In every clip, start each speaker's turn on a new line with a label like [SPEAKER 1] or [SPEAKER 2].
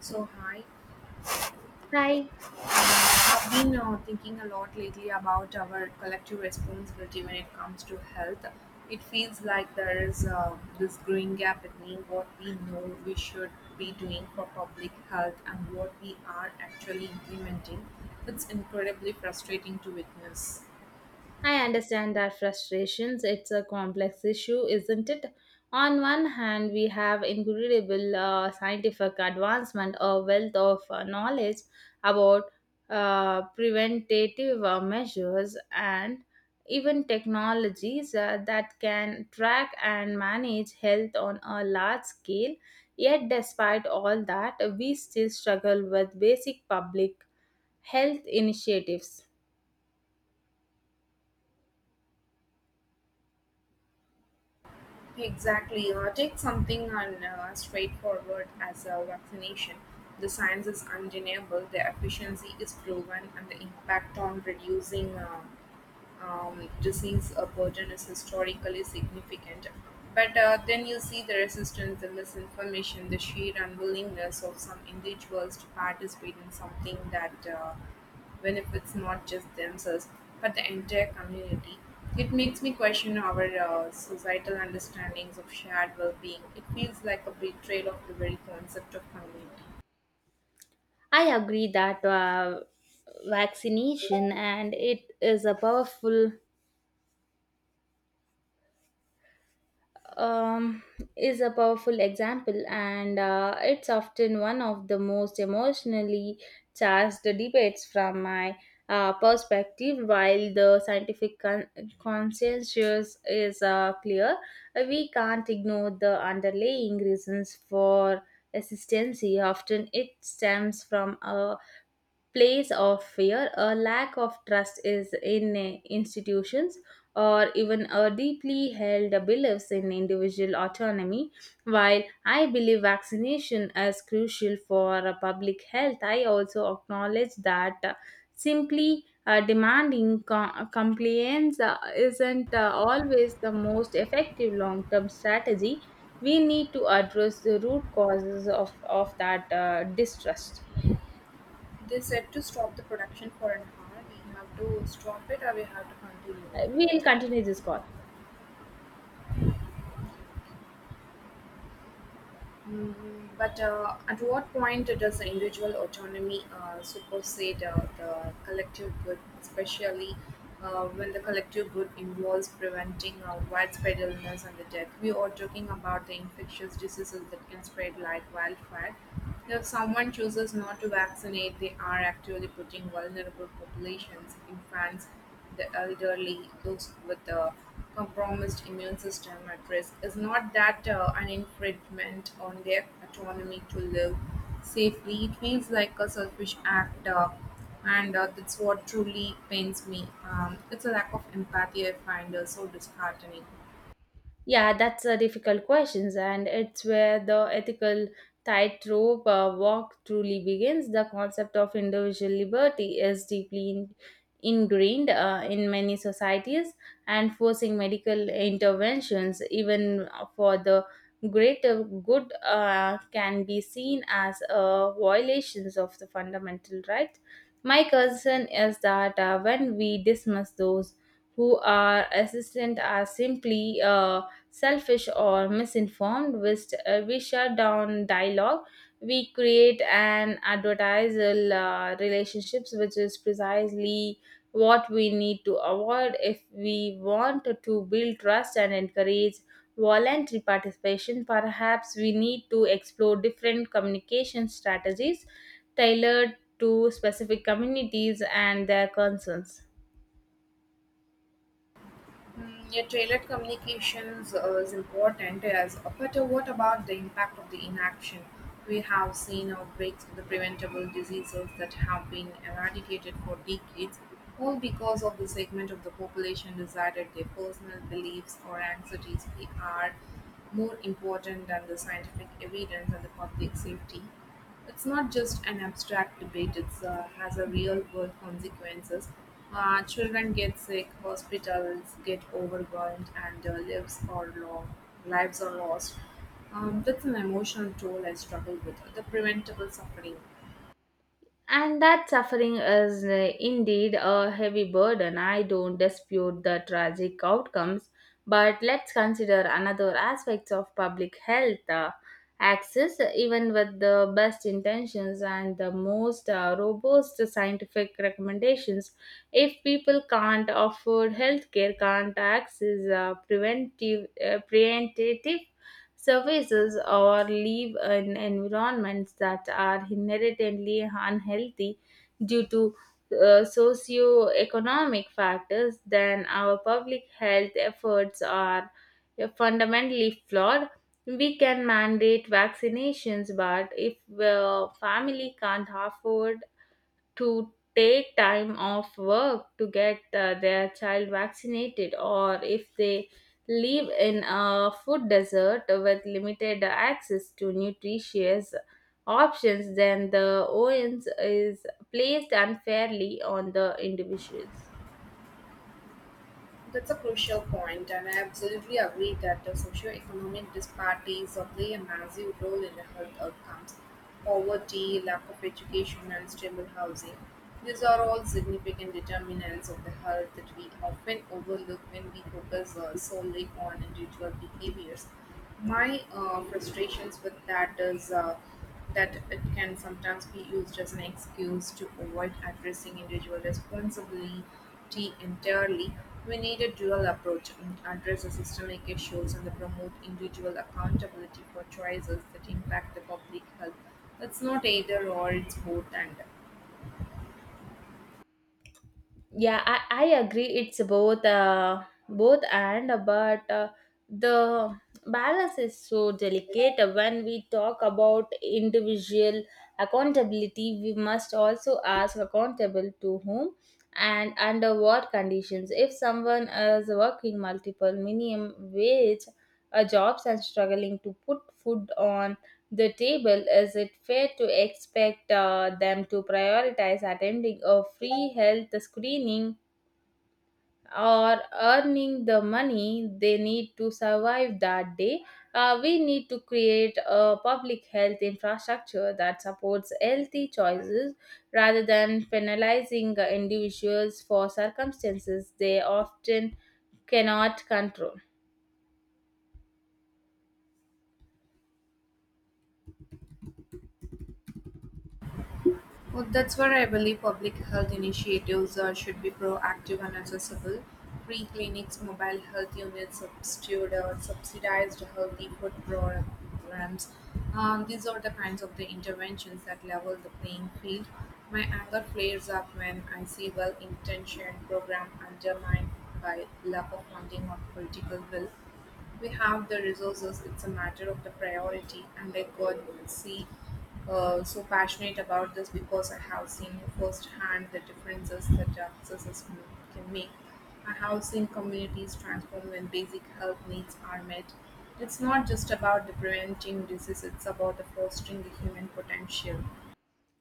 [SPEAKER 1] So, hi.
[SPEAKER 2] Hi.
[SPEAKER 1] I've been thinking a lot lately about our collective responsibility when it comes to health. It feels like there is this growing gap between what we know we should be doing for public health and what we are actually implementing. It's incredibly frustrating to witness.
[SPEAKER 2] I understand that frustrations. It's a complex issue, isn't it? On one hand, we have incredible scientific advancement, a wealth of knowledge about preventative measures, and even technologies that can track and manage health on a large scale. Yet, despite all that, we still struggle with basic public health initiatives.
[SPEAKER 1] Exactly. Take something on straightforward as a vaccination. The science is undeniable, the efficiency is proven, and the impact on reducing disease burden is historically significant. But then you see the resistance, the misinformation, the sheer unwillingness of some individuals to participate in something that benefits not just themselves but the entire community. It makes me question our societal understandings of shared well being. It feels like a betrayal of the very concept of community.
[SPEAKER 2] I agree that vaccination and it um, is a powerful example, and it's often one of the most emotionally charged debates from my perspective. While the scientific consensus is clear, we can't ignore the underlying reasons for hesitancy. Often, it stems from a place of fear, a lack of trust is in institutions, or even a deeply held beliefs in individual autonomy. While I believe vaccination is crucial for public health, I also acknowledge that simply demanding compliance isn't always the most effective long-term strategy. We need to address the root causes of that distrust.
[SPEAKER 1] They said to stop the production for an hour. We have to stop it or we have to continue.
[SPEAKER 2] We'll continue this call.
[SPEAKER 1] Mm, but at what point does the individual autonomy supersede the collective good, especially when the collective good involves preventing widespread illness and the death? We are talking about the infectious diseases that can spread like wildfire. If someone chooses not to vaccinate, they are actually putting vulnerable populations, infants, the elderly, those with a compromised immune system at risk, is not that an infringement on their autonomy to live safely. It feels like a selfish act, and that's what truly pains me. It's a lack of empathy I find so disheartening.
[SPEAKER 2] Yeah, that's a difficult questions, and it's where the ethical tightrope walk truly begins. The concept of individual liberty is deeply ingrained in many societies, and forcing medical interventions, even for the greater good, can be seen as violations of the fundamental right. My concern is that when we dismiss those who are assistant as simply selfish or misinformed, we shut down dialogue, we create an advertisal relationships, which is precisely what we need to avoid if we want to build trust and encourage voluntary participation. Perhaps we need to explore different communication strategies tailored to specific communities and their concerns.
[SPEAKER 1] Mm, yeah, tailored communications is important as but what about the impact of the inaction? We have seen outbreaks of the preventable diseases that have been eradicated for decades, all because of the segment of the population decided their personal beliefs or anxieties are more important than the scientific evidence and the public safety. It's not just an abstract debate, it has a real world consequences. Children get sick, hospitals get overwhelmed, and lives are lost. That's an emotional toll I struggle with, the preventable suffering.
[SPEAKER 2] And that suffering is indeed a heavy burden. I don't dispute the tragic outcomes, but let's consider another aspects of public health access. Even with the best intentions and the most robust scientific recommendations, if people can't afford healthcare, can't access preventive preventative surfaces or live in environments that are inherently unhealthy due to socioeconomic factors, then our public health efforts are fundamentally flawed. We can mandate vaccinations, but if a family can't afford to take time off work to get their child vaccinated, or if they live in a food desert with limited access to nutritious options, then the ONs is placed unfairly on the individuals.
[SPEAKER 1] That's a crucial point, and I absolutely agree that the socioeconomic disparities play a massive role in the health outcomes. Poverty, lack of education, and stable housing. These are all significant determinants of the health that we often overlook when we focus solely on individual behaviors. My frustrations with that is. That it can sometimes be used as an excuse to avoid addressing individual responsibility entirely. We need a dual approach and address the systemic issues and promote individual accountability for choices that impact the public health. It's not either or, it's both and.
[SPEAKER 2] Yeah, I agree it's both both and, but the balance is so delicate. When we talk about individual accountability, we must also ask, accountable to whom and under what conditions? If someone is working multiple minimum wage jobs and struggling to put food on the table, is it fair to expect them to prioritize attending a free health screening or earning the money they need to survive that day? We need to create a public health infrastructure that supports healthy choices rather than penalizing individuals for circumstances they often cannot control.
[SPEAKER 1] Well, that's where I believe public health initiatives should be proactive and accessible. Free clinics, mobile health units, substitute or subsidized healthy food programs. These are the kinds of the interventions that level the playing field. My anger flares up when I see well-intentioned program undermined by lack of funding or political will. We have the resources, it's a matter of the priority. And I could see so passionate about this because I have seen firsthand the differences that access is- can make. I have seen communities transform when basic health needs are met. It's not just about the preventing disease, it's about the fostering the human potential.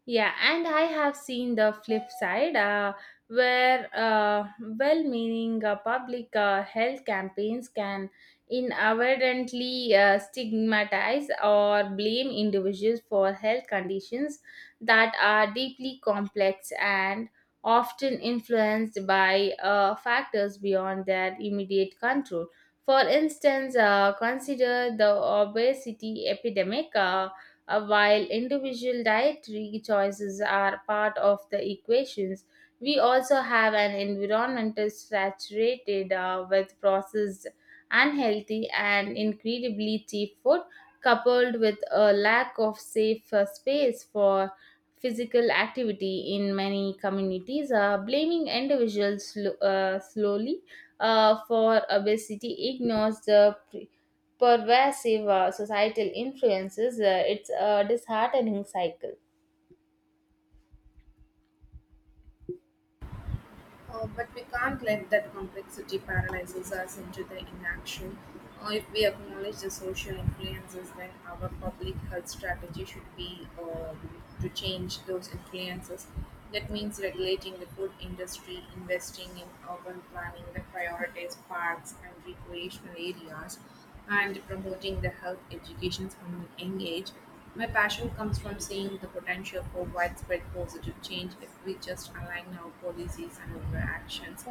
[SPEAKER 2] Yeah, and I have seen the flip side where well meaning public health campaigns can inadvertently stigmatize or blame individuals for health conditions that are deeply complex and often influenced by factors beyond their immediate control. For instance, consider the obesity epidemic. While individual dietary choices are part of the equations, we also have an environment saturated with processed, unhealthy, and incredibly cheap food, coupled with a lack of safe space for physical activity in many communities. Blaming individuals slowly for obesity ignores the pervasive societal influences. It's a disheartening cycle.
[SPEAKER 1] But we can't let that complexity paralyzes us into the inaction. If we acknowledge the social influences, then our public health strategy should be to change those influences. That means regulating the food industry, investing in urban planning that prioritize parks and recreational areas, and promoting the health education from a young age. My passion comes from seeing the potential for widespread positive change if we just align our policies and our actions.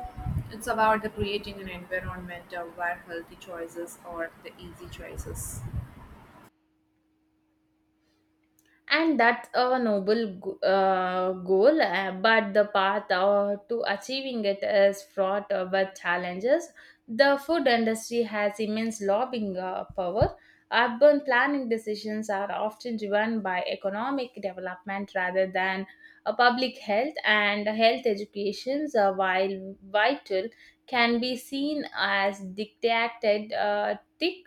[SPEAKER 1] It's about the creating an environment where healthy choices are the easy choices.
[SPEAKER 2] And that's a goal, but the path to achieving it is fraught with challenges. The food industry has immense lobbying power. Urban planning decisions are often driven by economic development rather than public health, and health educations, while vital, can be seen as dictated tick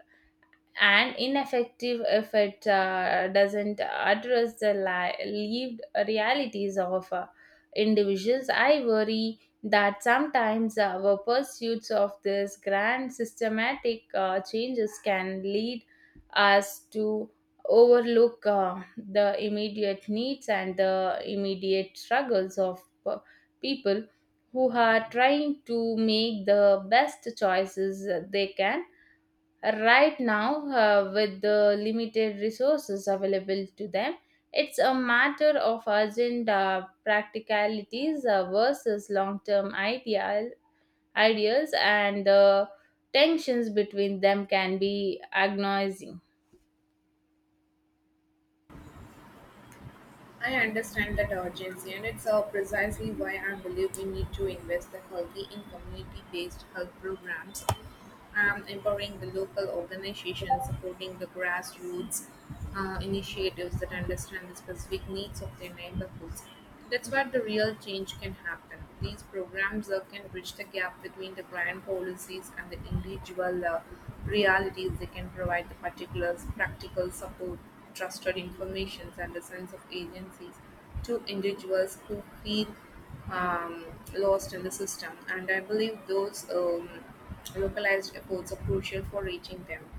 [SPEAKER 2] and ineffective if it doesn't address the lived realities of individuals. I worry that sometimes our pursuits of this grand systematic changes can lead us to overlook the immediate needs and the immediate struggles of people who are trying to make the best choices they can right now, with the limited resources available to them. It's a matter of urgent practicalities versus long-term ideal ideals, and the tensions between them can be agonizing.
[SPEAKER 1] I understand that urgency, and it's precisely why I believe we need to invest the healthy in community based health programs, empowering the local organizations, supporting the grassroots initiatives that understand the specific needs of their neighborhoods. That's where the real change can happen. These programs can bridge the gap between the grand policies and the individual realities. They can provide the particular practical support trusted informations and a sense of agencies to individuals who feel um, lost in the system. And I believe those localized efforts are crucial for reaching them.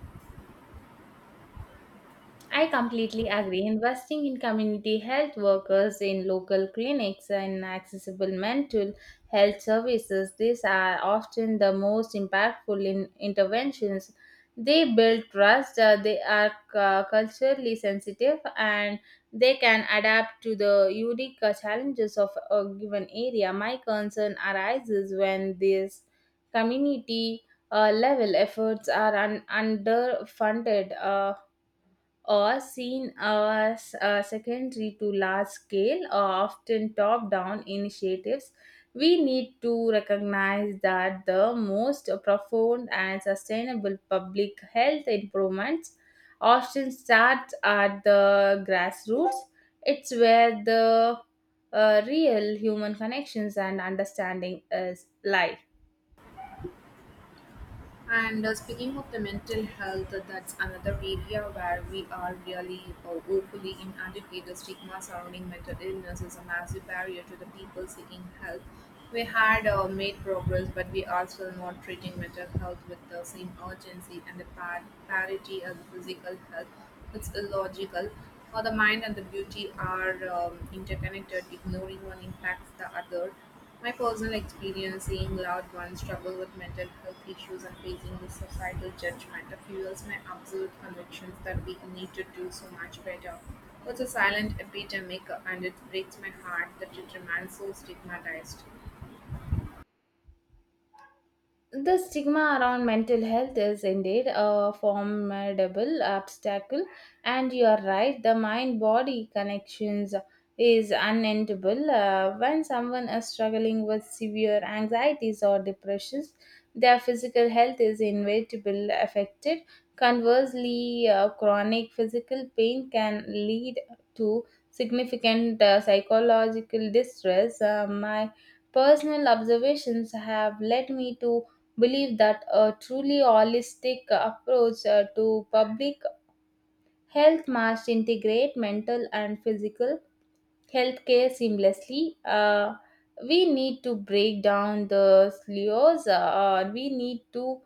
[SPEAKER 2] I completely agree. Investing in community health workers, in local clinics, and accessible mental health services, these are often the most impactful in interventions. They build trust, they are culturally sensitive, and they can adapt to the unique challenges of a given area. My concern arises when these community level efforts are underfunded. Or seen as secondary to large scale or often top down initiatives, we need to recognize that the most profound and sustainable public health improvements often start at the grassroots. It's where the real human connections and understanding is lie.
[SPEAKER 1] And speaking of the mental health, that's another area where we are really woefully inadequate. The stigma surrounding mental illness is a massive barrier to the people seeking help. We had made progress, but we are still not treating mental health with the same urgency and the parity as physical health. It's illogical. For the mind and the beauty are interconnected. Ignoring one impacts the other my personal experience seeing loved ones struggle with mental health issues and facing the societal judgment fuels my absolute convictions that we need to do so much better. It's a silent epidemic and it breaks my heart that it remains so stigmatized.
[SPEAKER 2] The stigma around mental health is indeed a formidable obstacle, and you are right, the mind body connections is unendable. When someone is struggling with severe anxieties or depressions, their physical health is inevitably affected. Conversely, chronic physical pain can lead to significant psychological distress. My personal observations have led me to believe that a truly holistic approach to public health must integrate mental and physical health care seamlessly. We need to break down the silos. We need to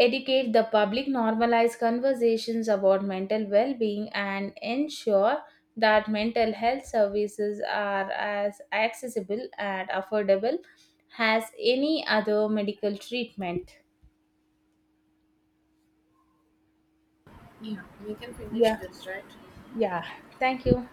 [SPEAKER 2] educate the public, normalize conversations about mental well being, and ensure that mental health services are as accessible and affordable as any other medical treatment.
[SPEAKER 1] Yeah, we can finish
[SPEAKER 2] Yeah.
[SPEAKER 1] this, right?
[SPEAKER 2] Yeah, thank you.